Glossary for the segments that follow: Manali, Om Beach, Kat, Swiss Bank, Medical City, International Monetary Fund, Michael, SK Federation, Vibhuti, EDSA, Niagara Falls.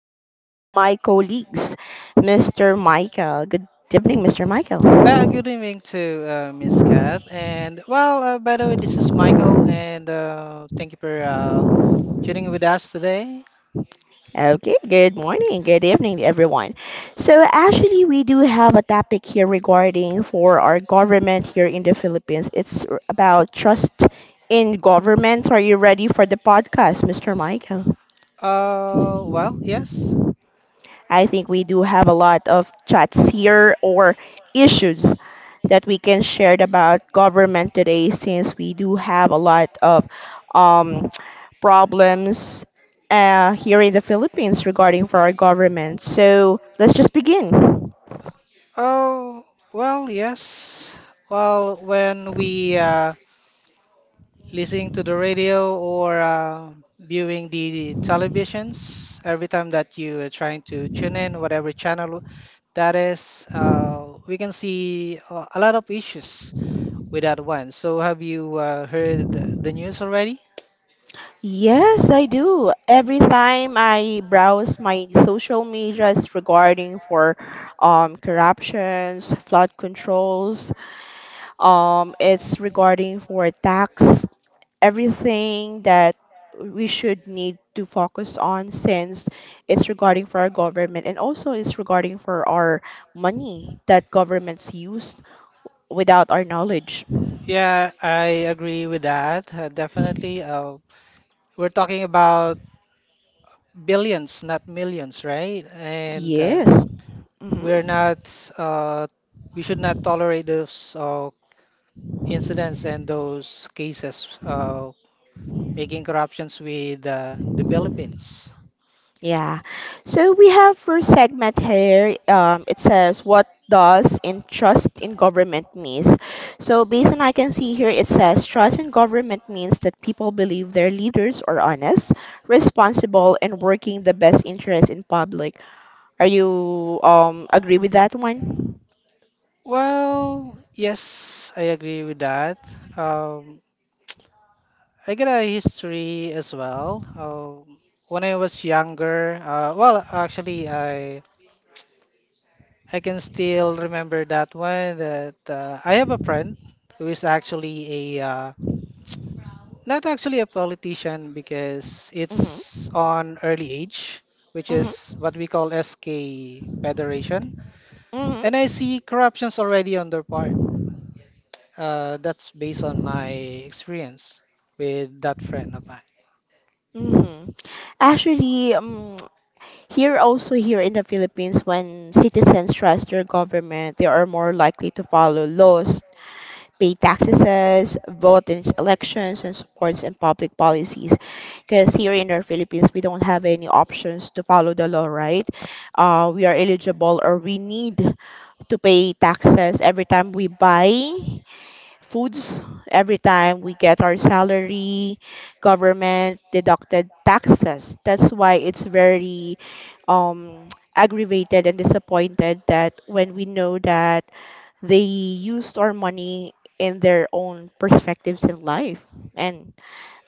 one of my colleagues, Mr. Michael. Good evening, Mr. Michael. Good evening to Miss Kat. And well, by the way, this is Michael, and thank you for tuning in with us today. Okay, good morning, good evening, to everyone. So, actually, we do have a topic here regarding for our government here in the Philippines. About trust in government. Are you ready for the podcast, Mr. Michael? Well, yes. I think we do have a lot of chats here or issues that we can share about government today since we do have a lot of um, problems here in the Philippines regarding for our government. So let's just begin. Oh, well, yes. Well, when we listening to the radio or viewing the televisions, every time that you are trying to tune in, whatever channel that is, we can see a lot of issues without one. So have you heard the news already? Yes, I do. Every time I browse my social medias regarding for corruptions, flood controls, it's regarding for tax, everything that we should need to focus on since it's regarding for our government, and also it's regarding for our money that governments used without our knowledge. Yeah, I agree with that. Definitely. We're talking about billions, not millions, right? And Yes. Hmm. we're not, uh, we should not tolerate those incidents and those cases making corruptions with the Philippines. Yeah. So we have first segment here. It says, what does in trust in government means. So based on I can see here, it says trust in government means that people believe their leaders are honest, responsible, and working the best interest in public. Are you agree with that one? Well, yes, I agree with that. Um, I get a history as well. When I was younger, well, actually, I can still remember that one. That I have a friend who is actually a not actually a politician because Mm-hmm. it's on early age, which is Mm-hmm. what we call SK Federation, and I Mm-hmm. see corruptions already on their part. That's based on my experience with that friend of mine. Mm-hmm. Actually, here also here in the Philippines, when citizens trust their government, they are more likely to follow laws, pay taxes, vote in elections, and supports in public policies. Because here in the Philippines, we don't have any options to follow the law, right? We are eligible, or we need to pay taxes every time we buy foods, every time we get our salary, government deducted taxes. That's why it's very um, aggravated and disappointed that when we know that they used our money in their own perspectives in life, and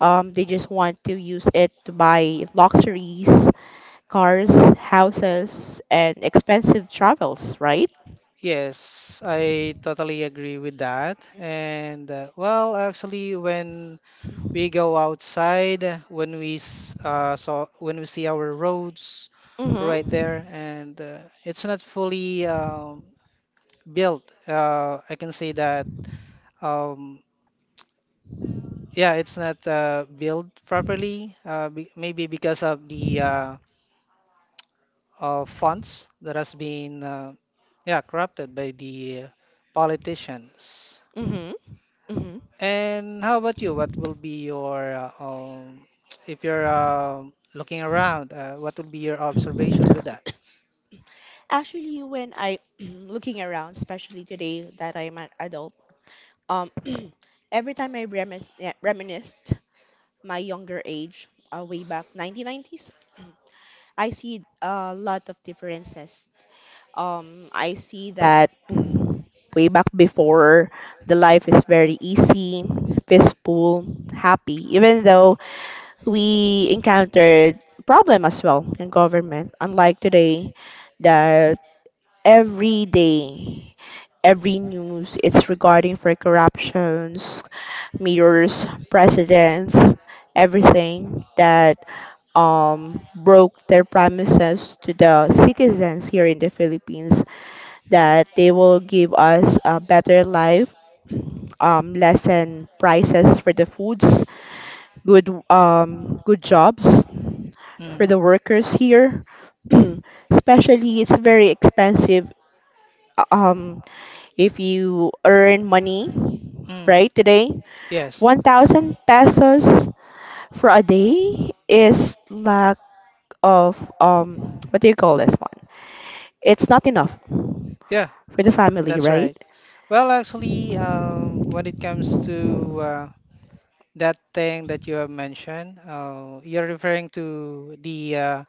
they just want to use it to buy luxuries, cars, houses, and expensive travels, right? Yes, I totally agree with that. And well, actually, when we go outside, when we see our roads right Mm-hmm. there, and it's not fully built. I can say that. Um, yeah, it's not built properly. Be Maybe because of the funds that has been yeah corrupted by the politicians. Mm-hmm. Mm-hmm. And how about you? What will be your If you're looking around, what will be your observation with that? Actually, when I looking around, especially today that I'm an adult, um, every time I remis yeah, reminisced my younger age, way back 1990s, I see a lot of differences, I see that way back before, the life is very easy, peaceful, happy, even though we encountered problem as well in government, unlike today that every day every news it's regarding for corruptions, mirrors, presidents, everything that broke their promises to the citizens here in the Philippines that they will give us a better life, lessen prices for the foods, good jobs for Mm. the workers here. Especially, it's very expensive. Um, if you earn money, Mm. right today, Yes. 1,000 pesos for a day is lack of what do you call this one? It's not enough Yeah, for the family, that's right? right. Well, actually, when it comes to that thing that you have mentioned, you're referring to the uh,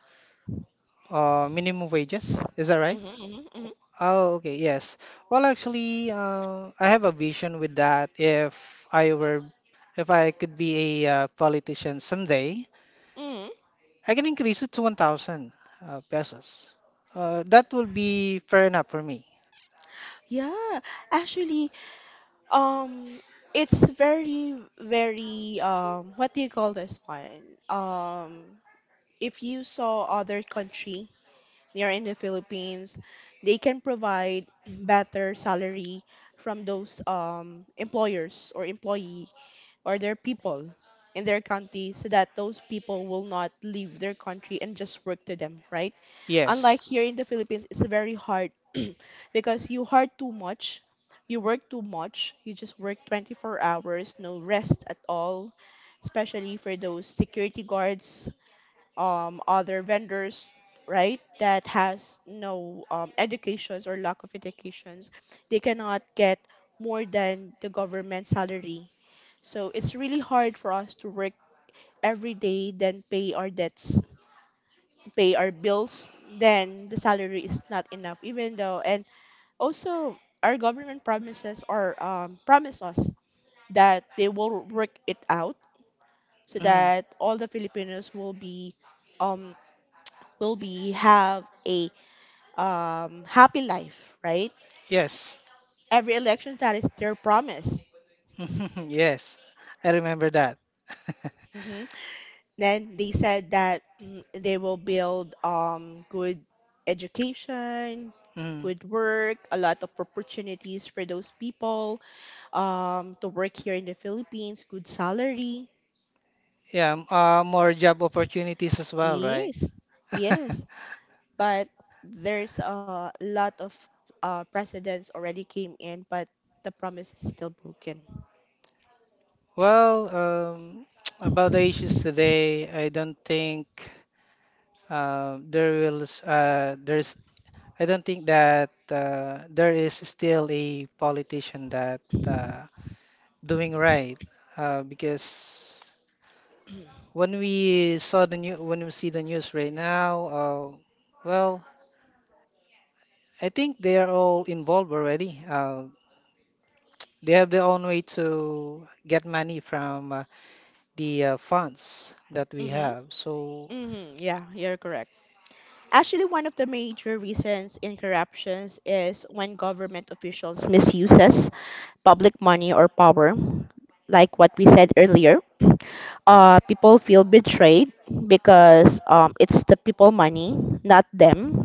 uh, minimum wages, is that right? Mhm, mhm, mhm, Oh, okay, yes. Well, actually, I have a vision with that. If I could be a politician someday, mhm. I can increase it to 1,000 pesos. That will be fair enough for me. Yeah, actually, um, it's very, very, what do you call this one? If you saw other country near in the Philippines, they can provide better salary from those employers or employee or their people in their country so that those people will not leave their country and just work to them, right? Unlike Yes. here in the Philippines, it's very hard because you hard too much, you work too much, you just work 24 hours, no rest at all, especially for those security guards, other vendors, right, that has no educations or lack of educations, they cannot get more than the government salary, so it's really hard for us to work every day, then pay our debts, pay our bills, then the salary is not enough, even though. And also our government promises, or promise us that they will work it out so Mhm. that all the Filipinos um will be have a happy life, right? Yes. Every election, that is their promise. Yes. I remember that. Hmm. Then they said that they will build good education, Mhm. good work, a lot of opportunities for those people to work here in the Philippines, good salary. Yeah, more job opportunities as well, right? Yes, yes, but there's a lot of presidents already came in, but the promise is still broken. Well, about the issues today, I don't think there will s- there's I don't think that there is still a politician that uh, doing right because when we see the news right now, well, I think they are all involved already. They have their own way to get money from the funds that we Mm-hmm. have. So Hmm. Yeah, you're correct. Actually, one of the major reasons in corruptions is when government officials misuses public money or power, like what we said earlier. People feel betrayed because it's the people money, not them.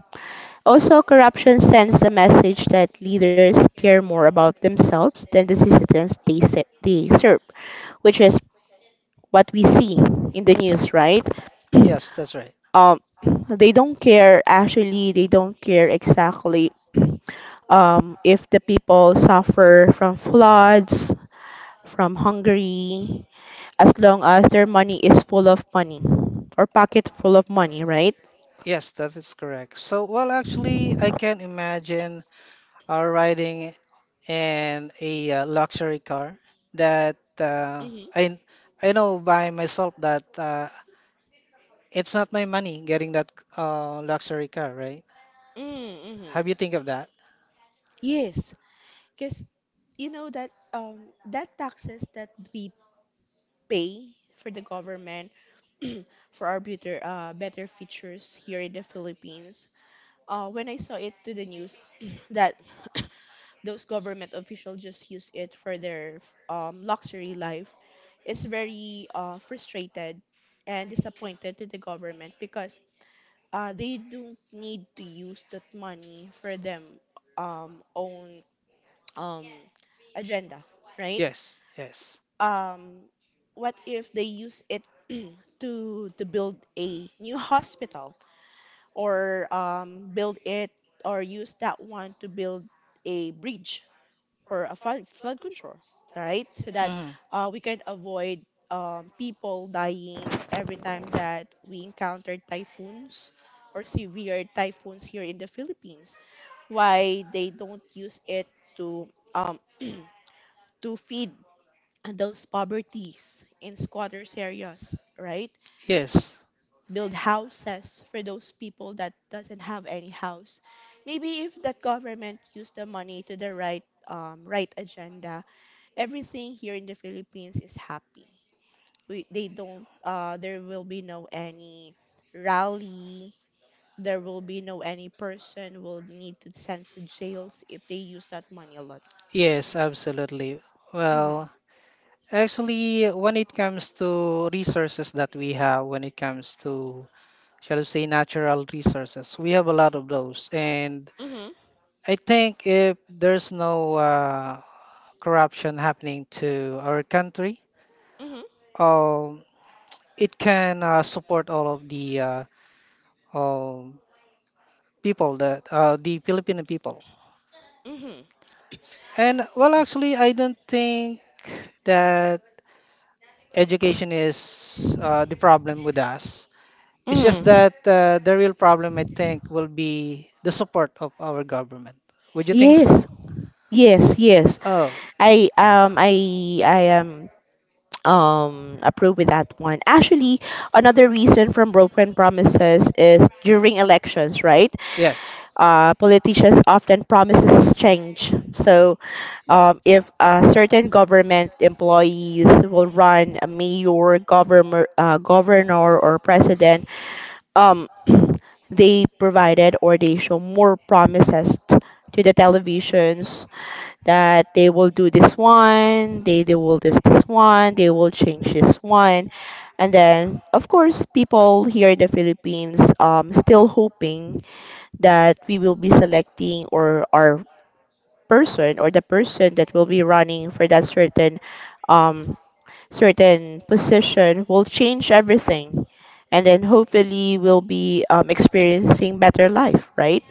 Also, corruption sends a message that leaders care more about themselves than the citizens they serve, which is what we see in the news, right? yes, that's right. um they don't care, actually, they don't care exactly if the people suffer from floods, from hungry, as long as their money is full of money, or pocket full of money, right? Yes, that is correct. So well, actually, I can imagine riding in a luxury car that Mm-hmm. I I know by myself that it's not my money getting that luxury car, right? Have you Mm-hmm. think of that? Yes, because you know that that taxes that we pay for the government for our better better features here in the Philippines. When I saw it to the news that those government officials just use it for their luxury life, it's very frustrated and disappointed to the government because they don't need to use that money for them own um, agenda, right? Yes, yes. Um, what if they use it to build a new hospital, or build it, or use that one to build a bridge, or a flood control, right? So that Mhm. We can avoid people dying every time that we encounter typhoons or severe typhoons here in the Philippines. Why they don't use it to um, to feed those poverties in squatters areas, right? Yes, Build houses for those people that doesn't have any house. Maybe if that government used the money to the right right agenda, everything here in the Philippines is happy. We, they don't, There will be no any rally. There will be no any person will need to send to jails if they use that money a lot. yes, absolutely. Mm-hmm. Well, actually, when it comes to resources that we have, when it comes to, shall we say, natural resources, we have a lot of those. And Mm-hmm. I think if there's no corruption happening to our country, Mm-hmm. um, it can support all of the um, people that the Filipino people. Mm-hmm. And well, actually, I don't think that education is the problem with us. It's just Mm-hmm. that the real problem, I think, will be the support of our government. Would you think Yes, so? yes, yes. Oh, I am approve with that one. Actually, another reason from broken promises is during elections, right? yes. Uh, politicians often promises change. So, if a certain government employees will run a mayor, governor, governor or president, um, they provided or they show more promises to the televisions that they will do this one, they will this one, they will change this one. And then, of course, people here in the Philippines still hoping that we will be selecting, or our person or the person that will be running for that certain um certain position will change everything, and then hopefully we'll be experiencing better life, right?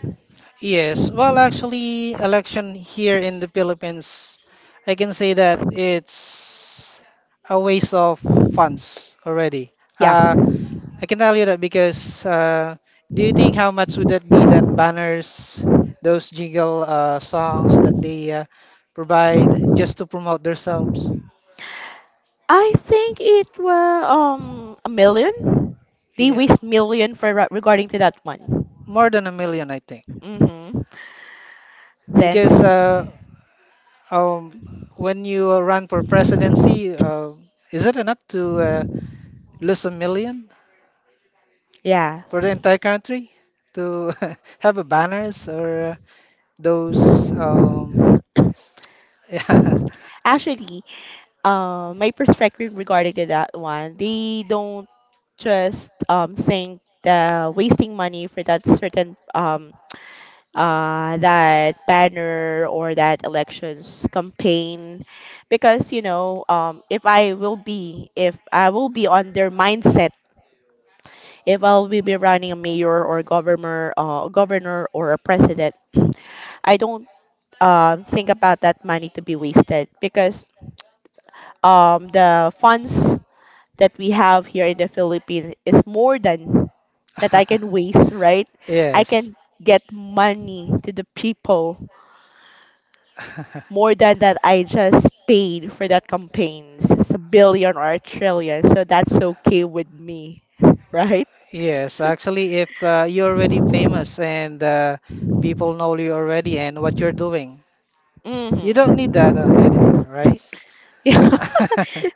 Yes. Well, actually, election here in the Philippines, I can say that it's a waste of funds already. Yeah, Uh, I can tell you that because do you think how much would that be that banners, those jingle songs that they provide just to promote themselves? I think it was a million. They Yeah, waste million for regarding to that one. more than a million, I think. Mm-hmm. then Because s- um, when you run for presidency, is it enough to lose a million yeah, for the entire country to have a banners or those? Yes, actually, my perspective regarding to that one, they don't just think the wasting money for that certain that banner or that elections campaign, because you know, if I will be on their mindset, if I will be running a mayor or governor, governor or a president, I don't think about that money to be wasted, because the funds that we have here in the Philippines is more than that I can waste, right? I yes, can get money to the people more than that I just paid for that campaigns. It's a billion or a trillion, so that's okay with me, right? yes. Actually, if you're already famous and people know you already and what you're doing, you don't need Hmm. that on anymore, right? Yeah.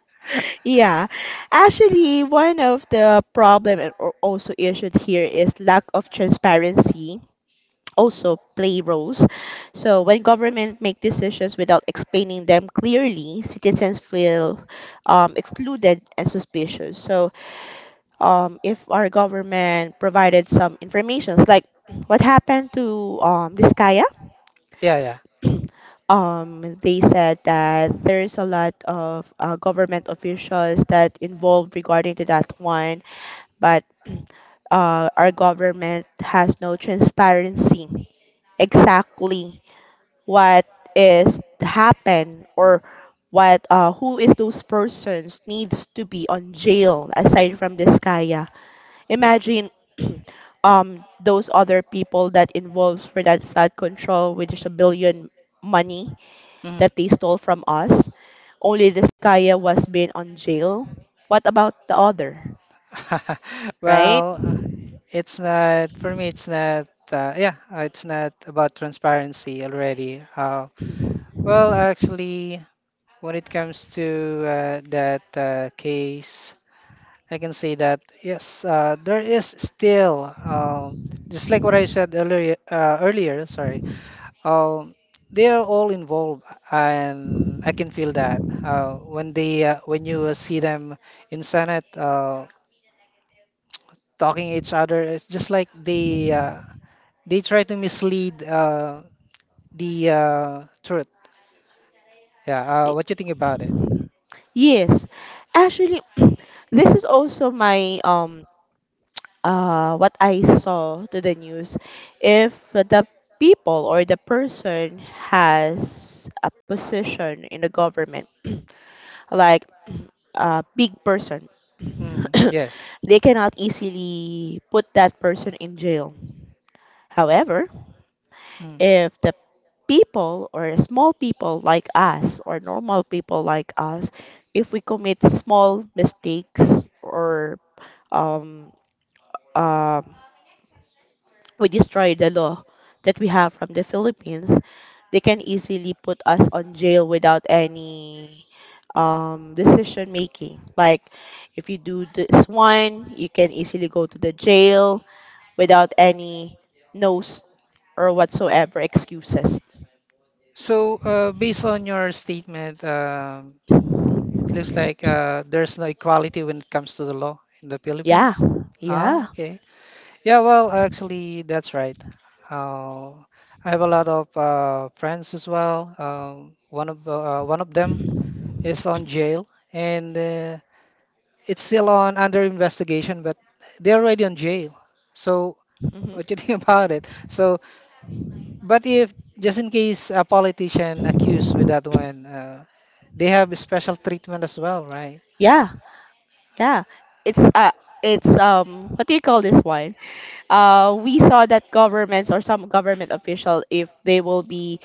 Yeah. Actually, one of the problem and also issued here is lack of transparency also play roles. So when government make decisions without explaining them clearly, citizens feel excluded and suspicious. So if our government provided some informations, like what happened to this Kaya, Yeah, yeah. They said that there's a lot of government officials that involved regarding to that one, but our government has no transparency exactly what is happen, or what who is those persons needs to be on jail aside from this kaya. Imagine those other people that involves for that flood control, which is a billion money Mhm. that they stole from us. Only this kaya was being on jail. What about the other, right? Well, it's not for me. It's not. Yeah, it's not about transparency already. Well, actually, when it comes to that case, I can say that yes, there is still just like what I said earlier. Earlier, sorry. Um, they are all involved, and I can feel that when you see them in Senate. Talking each other. It's just like they try to mislead the truth. Yeah. What you think about it? Yes, actually, this is also my what I saw to the news, if the people or the person has a position in the government, like a big person, Mm, yes. they cannot easily put that person in jail. However, Mm. if the people or small people like us, or normal people like us, if we commit small mistakes, or um, um we destroy the law that we have from the Philippines, they can easily put us on jail without any decision making. Like if you do this one, you can easily go to the jail without any no's or whatsoever excuses. So, based on your statement, it looks like there's no equality when it comes to the law in the Yeah, Philippines. Ah, yeah, okay. Yeah, well, actually, that's right. I have a lot of friends as well. One of them is on jail, and it's still on under investigation, but they're already on jail. So hmm what you think about it? So, but if just in case a politician accused with that one, they have a special treatment as well, right? yeah, yeah. It's uh, it's what do you call this one? We saw that governments or some government official, if they will be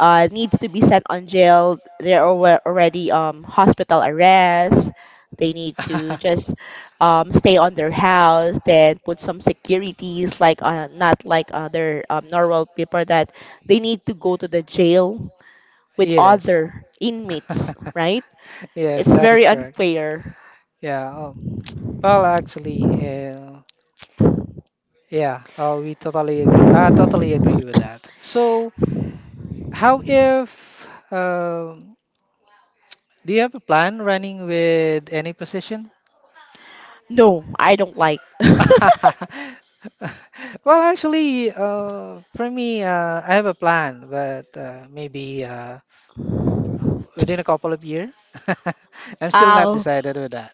needs to be sent on jail, they're already hospital arrest. They need to just stay on their house, then put some securities, like not like other normal people that they need to go to the jail with Yes. other inmates, right? Yes, It's that is very correct. unfair. Yeah. Well, actually, yeah, we totally agree. I totally agree with that. So, how if um, do you have a plan running with any position? No, I don't like. Well, actually, for me, I have a plan, but maybe within a couple of years. I'm still not How? decided with that.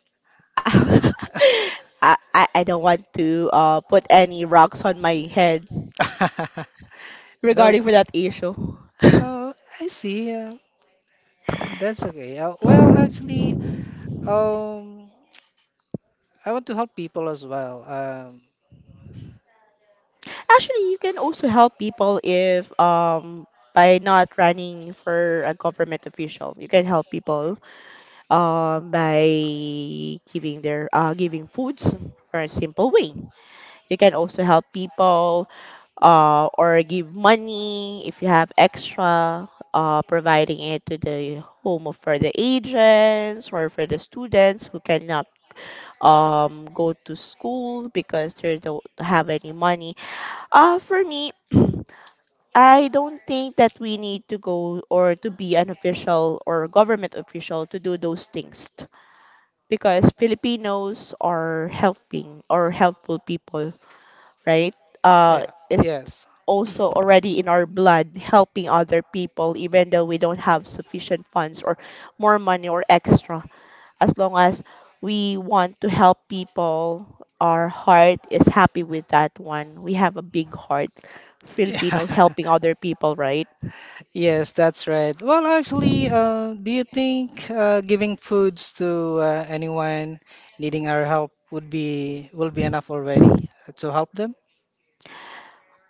I, I don't want to put any rocks on my head No, regarding for that issue. oh, I see. That's okay. Well, actually, um, I want to help people as well. Actually, you can also help people if by not running for a government official. You can help people by giving foods for a simple way. You can also help people or give money if you have extra, providing it to the home for the agents or for the students who cannot go to school because they don't have any money. For me, I don't think that we need to go or to be an official or government official to do those things because Filipinos are helping or helpful people right? Uh, Yeah, it's yes. also already in our blood helping other people, even though we don't have sufficient funds or more money or extra. As long as we want to help people, our heart is happy with that one. We have a big heart, Filipino Yeah. helping other people, right? Yes, that's right. Well, actually, do you think giving foods to anyone needing our help would be will be enough already to help them?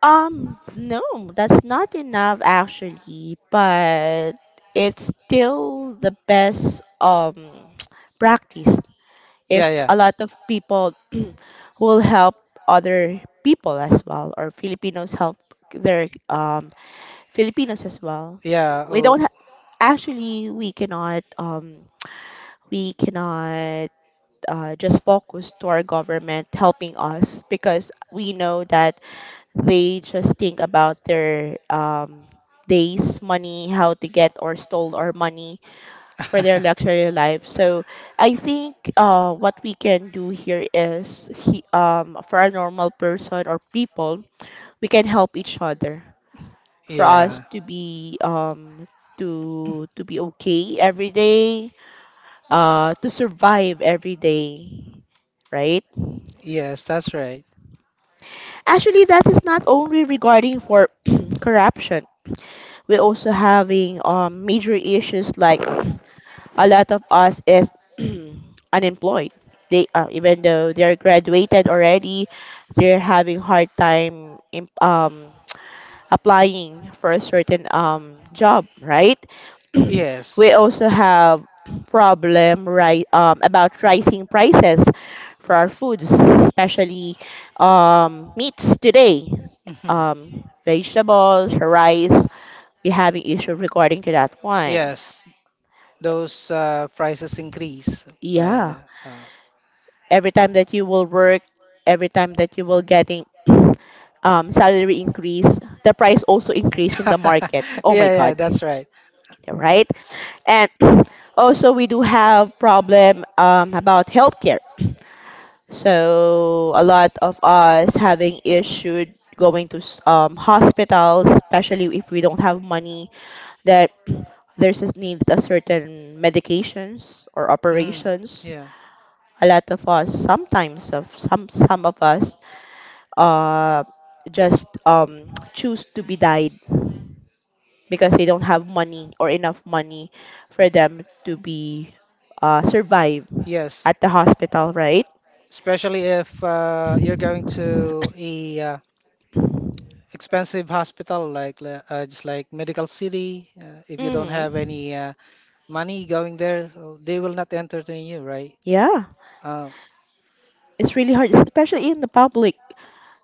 No, that's not enough actually, but it's still the best practice Yeah, if yeah, a lot of people will help other people as well, or Filipinos help their Filipinos as well. yeah. We don't Oh, ha- Actually we cannot just focus to our government helping us because we know that they just think about their days, money, how to get or stole our money for their luxury life. So I think what we can do here is, for a normal person or people, we can help each other for us yeah. to be to be okay every day, to survive every day, right? Yes, that's right. Actually, that is not only regarding for corruption. We're also having major issues like a lot of us is unemployed. They Even though they're graduated already, they're having hard time applying for a certain job, right? We Yes, also have problem right about rising prices for our foods, especially meats today, mhm. Vegetables, rice. We having issue regarding to that one. Yes. Those prices increase by Yeah. the, uh, Every time that you will work, every time that you will getting salary increase, the price also increase in the market. yeah, Oh my yeah. God, That's right. right? And also we do have problem about healthcare. So a lot of us having issued going to hospitals, especially if we don't have money, that there's a need a certain medications or Mhm. operations. Yeah. A lot of us sometimes of some of us uh, just choose to be died because they don't have money or enough money for them to be survive Yes. at the hospital, right? Especially if you're going to a expensive hospital just like Medical City. If you don't have hmm any money going there, so they will not entertain you, right? Yeah, Uh, it's really hard, especially in the public.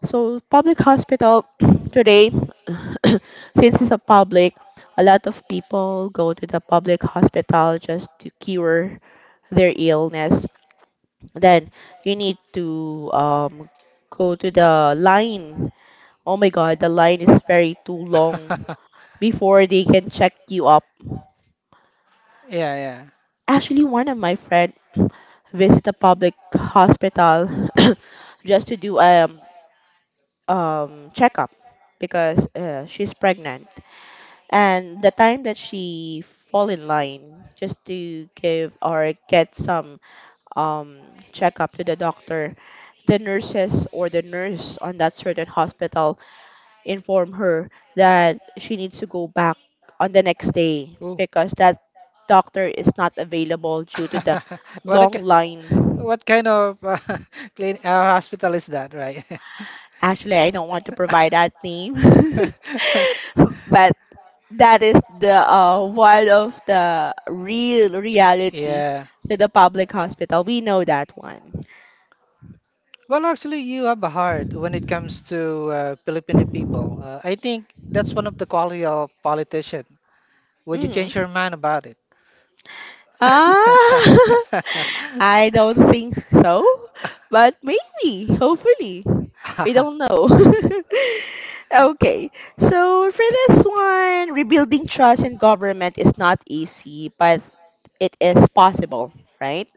So public hospital today, since it's a public, a lot of people go to the public hospital just to cure their illness. Then you need to go to the line. Oh my god, the line is very too long before they can check you up. yeah, yeah. Actually, one of my friend visit a public hospital just to do a checkup because she's pregnant. And the time that she fall in line just to give or get some um, checkup to the doctor, the nurses or the nurse on that certain hospital inform her that she needs to go back on the next day Ooh. because that doctor is not available due to the what a ki- long line. what kind of hospital is that, right? Actually, I don't want to provide that name, but that is the one of the real reality Yeah. to the public hospital. We know that one. Well, actually, you have a heart when it comes to Filipino people. I think that's one of the quality of politician. Would you hmm change your mind about it? Ah, I don't think so, but maybe, hopefully. We don't know. Okay, so for this one, rebuilding trust in government is not easy, but it is possible, right?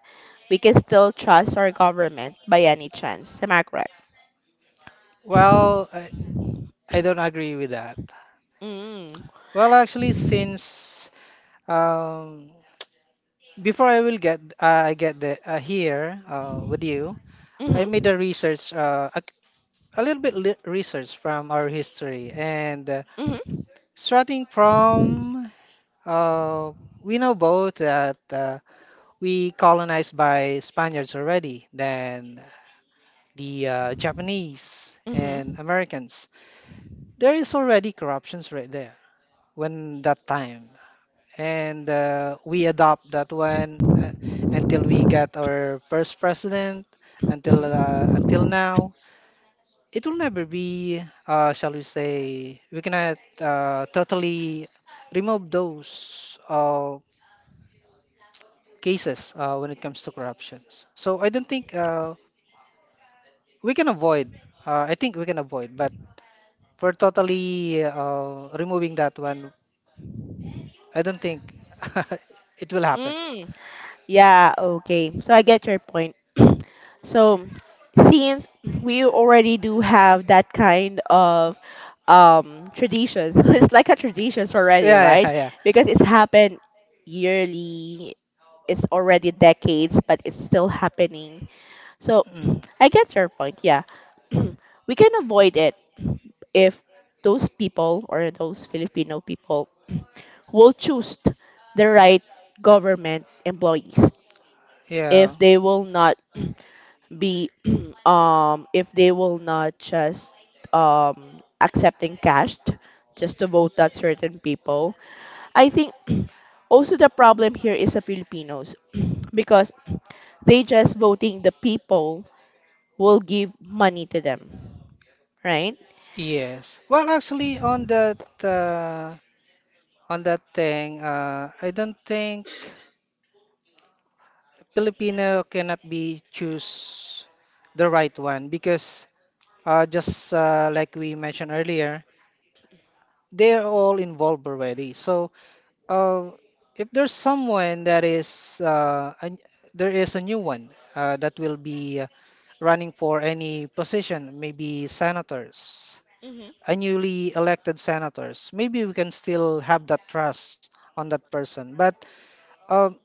We can still trust our government by any chance. Am I correct? Well, I don't agree with that. Mm. Well, actually, since um, before I will get I get the here with you, I Mm-hmm. made a research a little bit li research from our history and Mm-hmm. starting from Uh, we know both that we colonized by Spaniards already, then the Japanese and Americans. There is already corruptions right there when that time. And we adopt that one until we get our first president, Mm-hmm. Until now. It will never be, Shall we say, we cannot totally remove those. Cases when it comes to corruptions. So I don't think we can avoid. I think we can avoid, but for totally removing that one, I don't think it will happen. Mm-hmm. Yeah, okay. So I get your point. So since we already do have that kind of traditions, it's like a traditions already, Yeah, yeah, right? yeah. Yeah. Because it's happened yearly, it's already decades, but it's still happening. So Mm. I get your point, yeah. We can avoid it if those people or those Filipino people will choose the right government employees Yeah, if they will not be if they will not just accepting cash just to vote that certain people. I think also the problem here is the Filipinos because they just voting the people will give money to them, right? yes. Well, actually, on that thing, I don't think Filipino cannot be choose the right one because just like we mentioned earlier, they're all involved already. So uh, if there's someone that is a, there is a new one that will be running for any position, maybe senators, Mm-hmm. a newly elected senators, maybe we can still have that trust on that person. But um,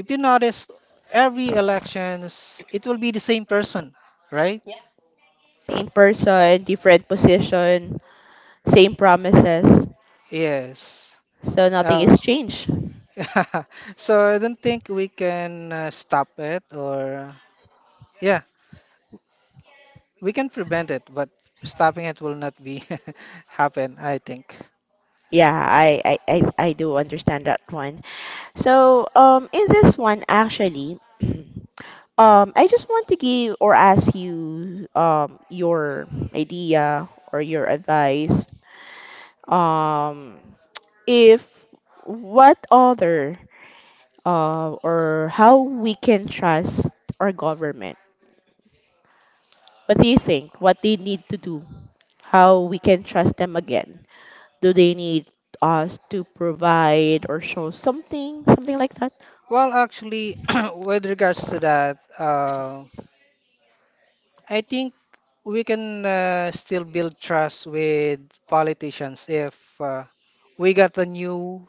if you notice, every elections it will be the same person, right? Yeah. Same person, different position, same promises, Yes. so nothing Uh, is changed. so I don't think we can stop it or. Yeah, we can prevent it, but stopping it will not be happen, I think. Yeah, I do understand that one. So, in this one, actually, I just want to give or ask you, your idea or your advice, um, if what other, or how we can trust our government. What do you think? What they need to do? How we can trust them again? Do they need us to provide or show something, something like that? Well, actually, with regards to that, I think we can still build trust with politicians if we got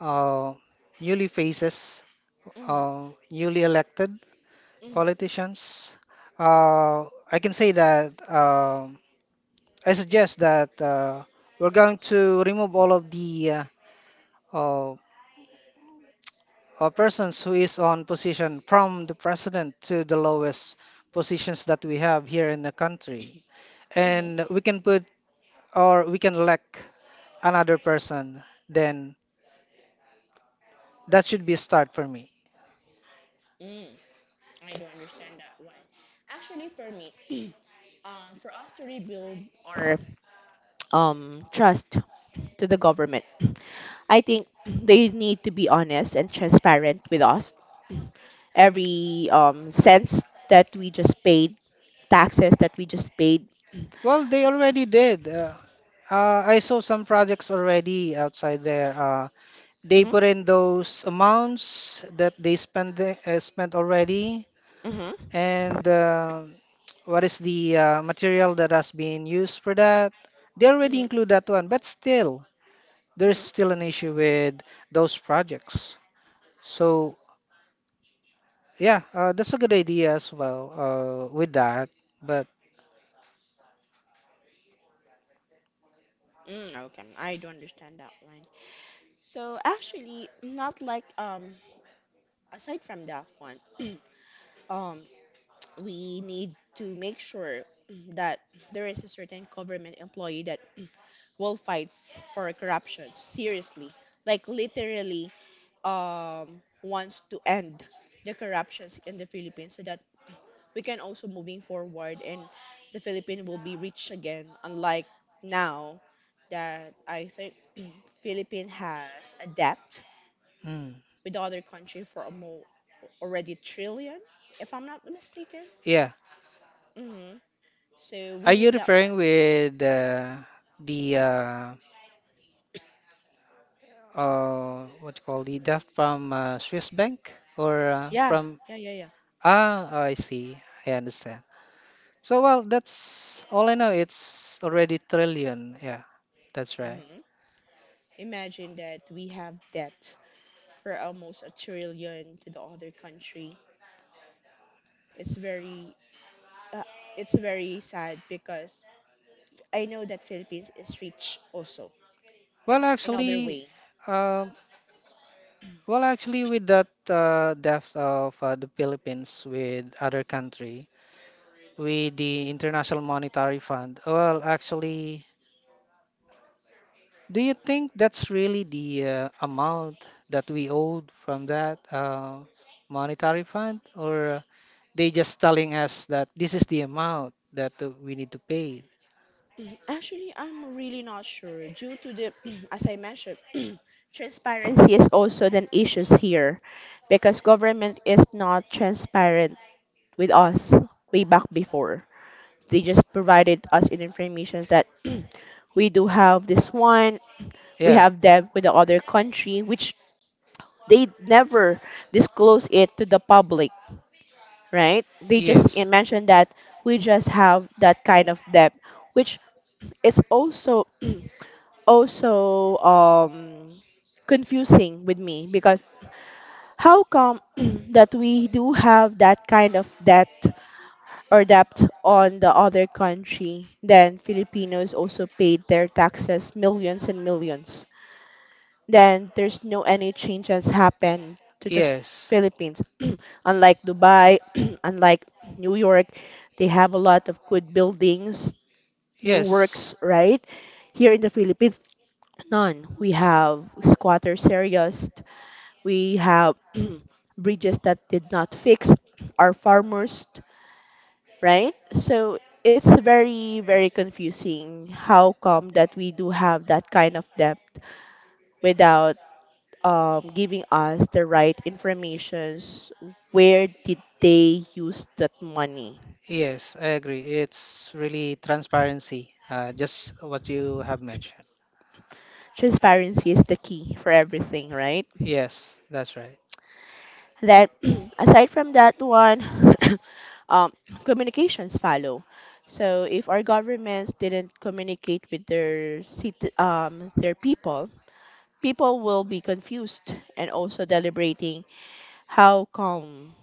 uh, newly faces, Mm-hmm, newly elected politicians. Uh, I can say that I suggest that we're going to remove all of the uh, uh, persons who is on position from the president to the lowest positions that we have here in the country, mm-hmm, and we can elect another person. Then that should be a start for me. mm-hmm. I do understand that one. Actually, for me, for us to rebuild our trust to the government, I think they need to be honest and transparent with us. Every cents that we just paid, taxes that we just paid. Well, they already did. I saw some projects already outside there. They Mhm, put in those amounts that they spend spent already, mhm, and what is the material that has been used for that. They already mhm, include that one, but still, there's mhm. still an issue with those projects. So, yeah, that's a good idea as well with that. But Mm, okay, I do understand that one. So actually, not like aside from that one. um we need to make sure that there is a certain government employee that will fights for corruption seriously, like literally wants to end the corruptions in the Philippines so that we can also moving forward and the Philippines will be rich again unlike now that I think Philippine has a debt mm, with the other country for a more already trillion if I'm not mistaken. yeah, hmm So are we you need that one. referring with the what you call the debt from Swiss Bank or Yeah, from? yeah, yeah, yeah. Ah, I see. I understand. So well, that's all I know. It's already trillion. Yeah, that's right. hmm Imagine that we have debt for almost a trillion to the other country. It's very, uh, it's very sad because I know that Philippines is rich also Well, in other actually, way. um, well, actually, with that depth of the Philippines with other country, with the International Monetary Fund. Well, actually, do you think that's really the amount that we owed from that monetary fund, or they just telling us that this is the amount that we need to pay? Mm, actually, I'm really not sure due to the, as I mentioned, transparency is also an issues here because government is not transparent with us way back before. They just provided us in information that we do have this one, we Yeah. have that with the other country, which they never disclose it to the public, right? They just Yes. mentioned that we just have that kind of debt, which it's also also confusing with me because how come that we do have that kind of debt or debt on the other country, then Filipinos also paid their taxes millions and millions. Then there's no any changes happen to the Yes. Philippines. Unlike Dubai, unlike New York, they have a lot of good buildings, new Yes. works, right? Here in the Philippines, none. We have squatters areas, we have bridges that did not fix, our farmers, right? So it's very, very confusing how come that we do have that kind of depth without giving us the right informations. Where did they use that money? Yes, I agree. It's really transparency, just what you have mentioned. Transparency is the key for everything, right? Yes, that's right. Then, aside from that one, um, communications follow. So if our governments didn't communicate with their their people, people will be confused and also deliberating how come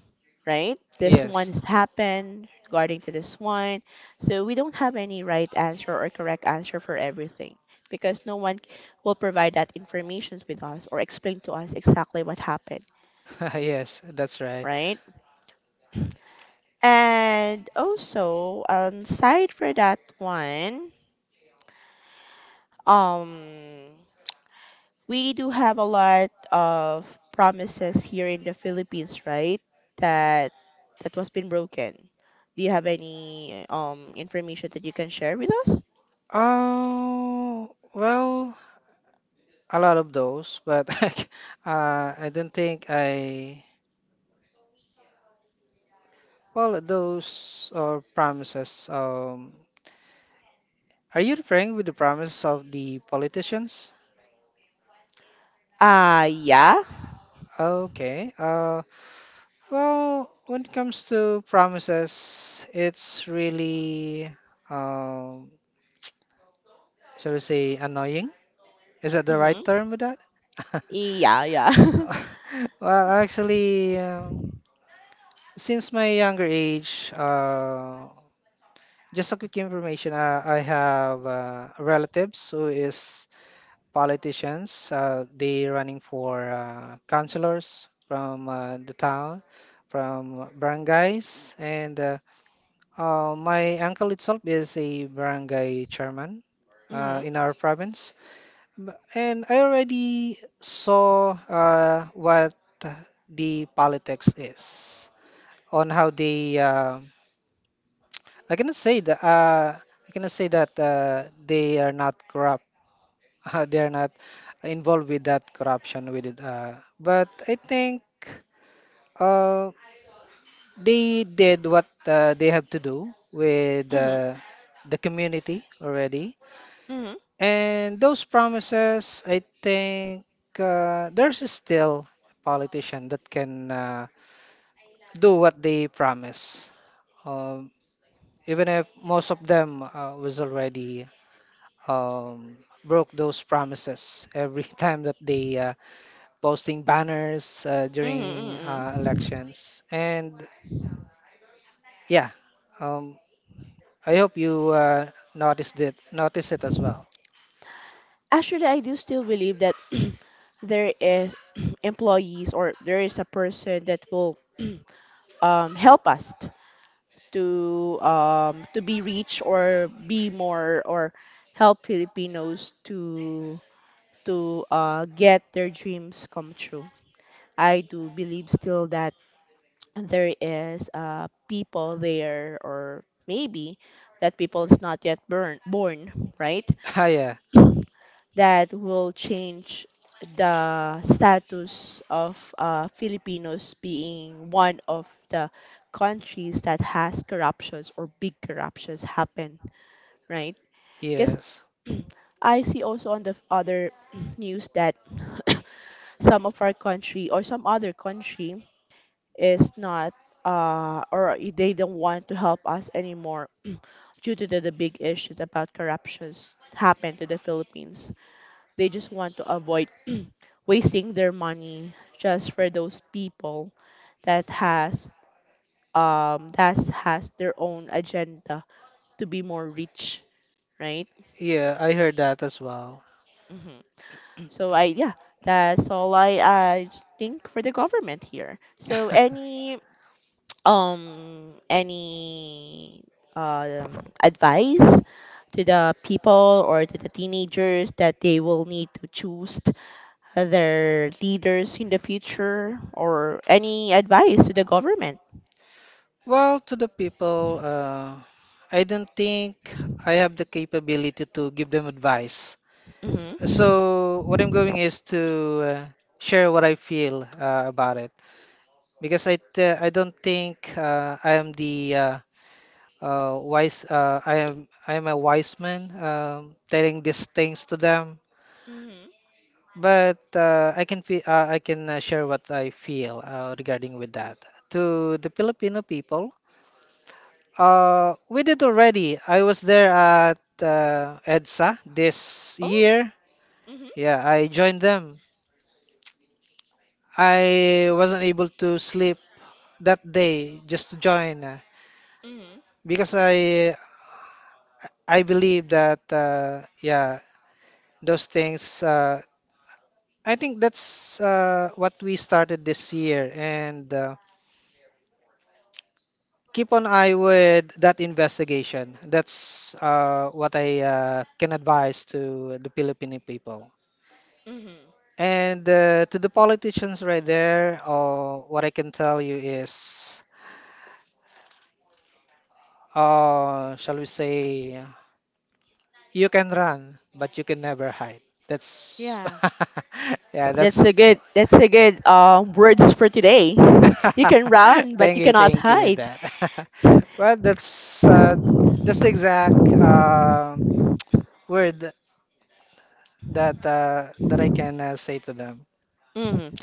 right this one Yes. has happened regarding to this one, so we don't have any right answer or correct answer for everything because no one will provide that information with us or explain to us exactly what happened, Yes, that's right. right? And also aside for that one, um we do have a lot of promises here in the Philippines, right? That that was been broken. Do you have any information that you can share with us? Oh, well, a lot of those, but I don't think I. Well, those promises. Are you referring with the promises of the politicians? Yeah. Okay. Well, when it comes to promises, it's really, um, shall we say, annoying? Is that the right Mhm. term with that? Yeah, yeah. Well, actually, um, since my younger age, just a quick information, I have relatives who is politicians. They running for councilors from the town, from barangays, and my uncle itself is a barangay chairman Mhm. in our province, and I already saw what the politics is on how they. I cannot say that. I cannot say that they are not corrupt. They are not involved with that corruption with it. But I think uh, they did what they have to do with Mhm. The community already. Mhm. And those promises, I think there's still a politician that can do what they promise, um, even if most of them was already um, broke those promises every time that they posting banners Mhm. during Mhm. elections. And yeah, um, I hope you notice it as well. Actually, I do still believe that there is employees or there is a person that will help us to be rich or be more or help Filipinos to get their dreams come true. I do believe still that there is people there, or maybe that people is not yet born, right? Ah, yeah, That will change the status of Filipinos being one of the countries that has corruptions or big corruptions happen, right? Because yes, I see also on the other news that some of our country or some other country is not they don't want to help us anymore due to the big issues about corruptions happen to the Philippines. They just want to avoid wasting their money just for those people that has that has their own agenda to be more rich, right? yeah, I heard that as well. Hmm. So I, yeah, that's all I think for the government here. So any um advice to the people or to the teenagers that they will need to choose their leaders in the future, or any advice to the government. Well, to the people, I don't think I have the capability to give them advice. Hmm. So what I'm going is to uh, share what I feel about it because I don't think I am the wise I am a wise man telling these things to them. Mm-hmm. But I can feel I can share what I feel regarding with that to the Filipino people. We did already. I was there at EDSA this Oh. year. Mm-hmm. Yeah, I joined them. I wasn't able to sleep that day just to join Mm-hmm. because I believe that yeah those things. I think that's what we started this year and keep an eye with that investigation. That's what I can advise to the Filipino people. Mm-hmm. And to the politicians right there, what I can tell you is, shall we say, you can run, but you can never hide. That's, Yeah. yeah, That's that's. a good. That's a good words for today. You can run, but you cannot thank you with hide. that. Well, that's the exact word that that I can say to them. Mhm.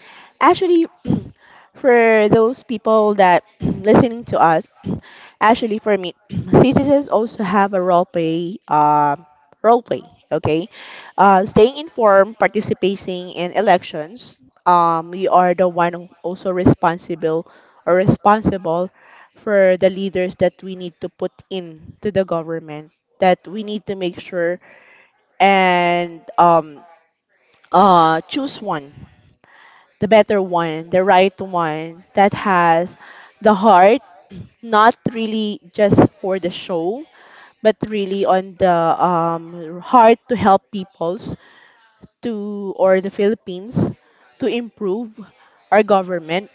Actually, for those people that listening to us, actually for me, citizens also have a role play, role play. Okay, staying informed, participating in elections. We are the one who also responsible or responsible for the leaders that we need to put in to the government. That we need to make sure and choose one, the better one, the right one that has the heart, not really just for the show, but really on the heart to help peoples to, or the Philippines to improve our government.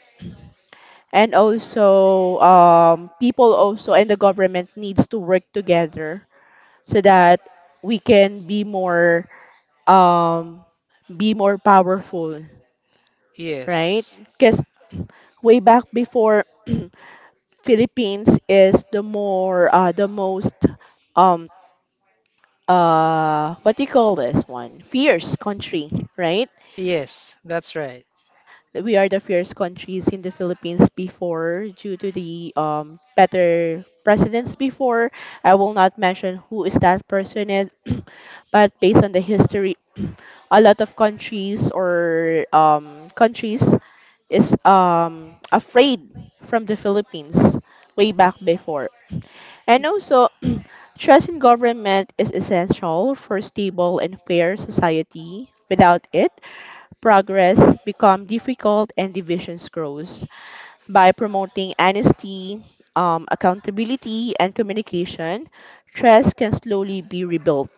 And also people also and the government needs to work together so that we can um, be more powerful, right? Yes, Because way back before Philippines is the more the most um what do you call this one? Fierce country, right? yes, that's right. We are the fierce countries in the Philippines before due to the better presidents before. I will not mention who is that person is, but based on the history, a lot of countries or countries is afraid from the Philippines way back before. And also, trust in government is essential for stable and fair society. Without it, progress becomes difficult and divisions grows. By promoting honesty, accountability, and communication, trust can slowly be rebuilt.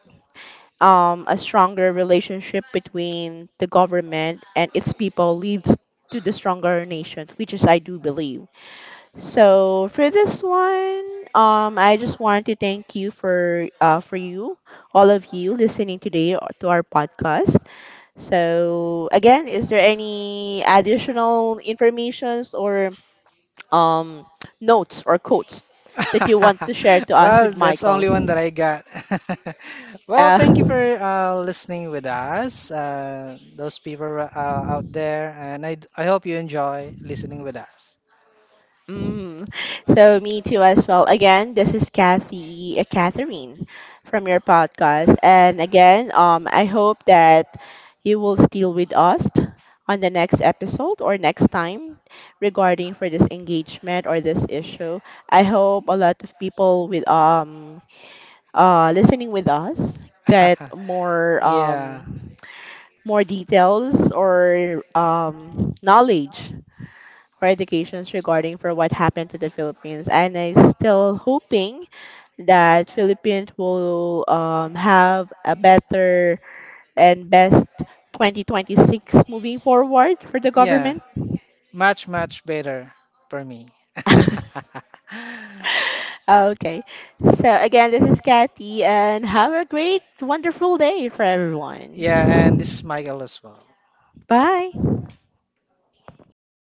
A stronger relationship between the government and its people leads to the stronger nation, which is I do believe. So for this one, I just want to thank you for you, all of you listening today to our podcast. So again, is there any additional informations or um notes or quotes that you want to share to us Well, with that's the Michael? only one that I got. Well, Uh, thank you for listening with us, those people out there, and I hope you enjoy listening with us. Mm. So me too as well. Again, this is Kathy, Catherine from your podcast. And again, I hope that you will still with us on the next episode or next time regarding for this engagement or this issue. I hope a lot of people with listening with us get more Yeah, more details or knowledge or educations regarding for what happened to the Philippines. And I still hoping that Philippines will have a better and best 2026 moving forward for the yeah, government. much, much better for me. Okay. So again, this is Kathy and have a great, wonderful day for Yeah, and everyone. this is Michael as well. Bye.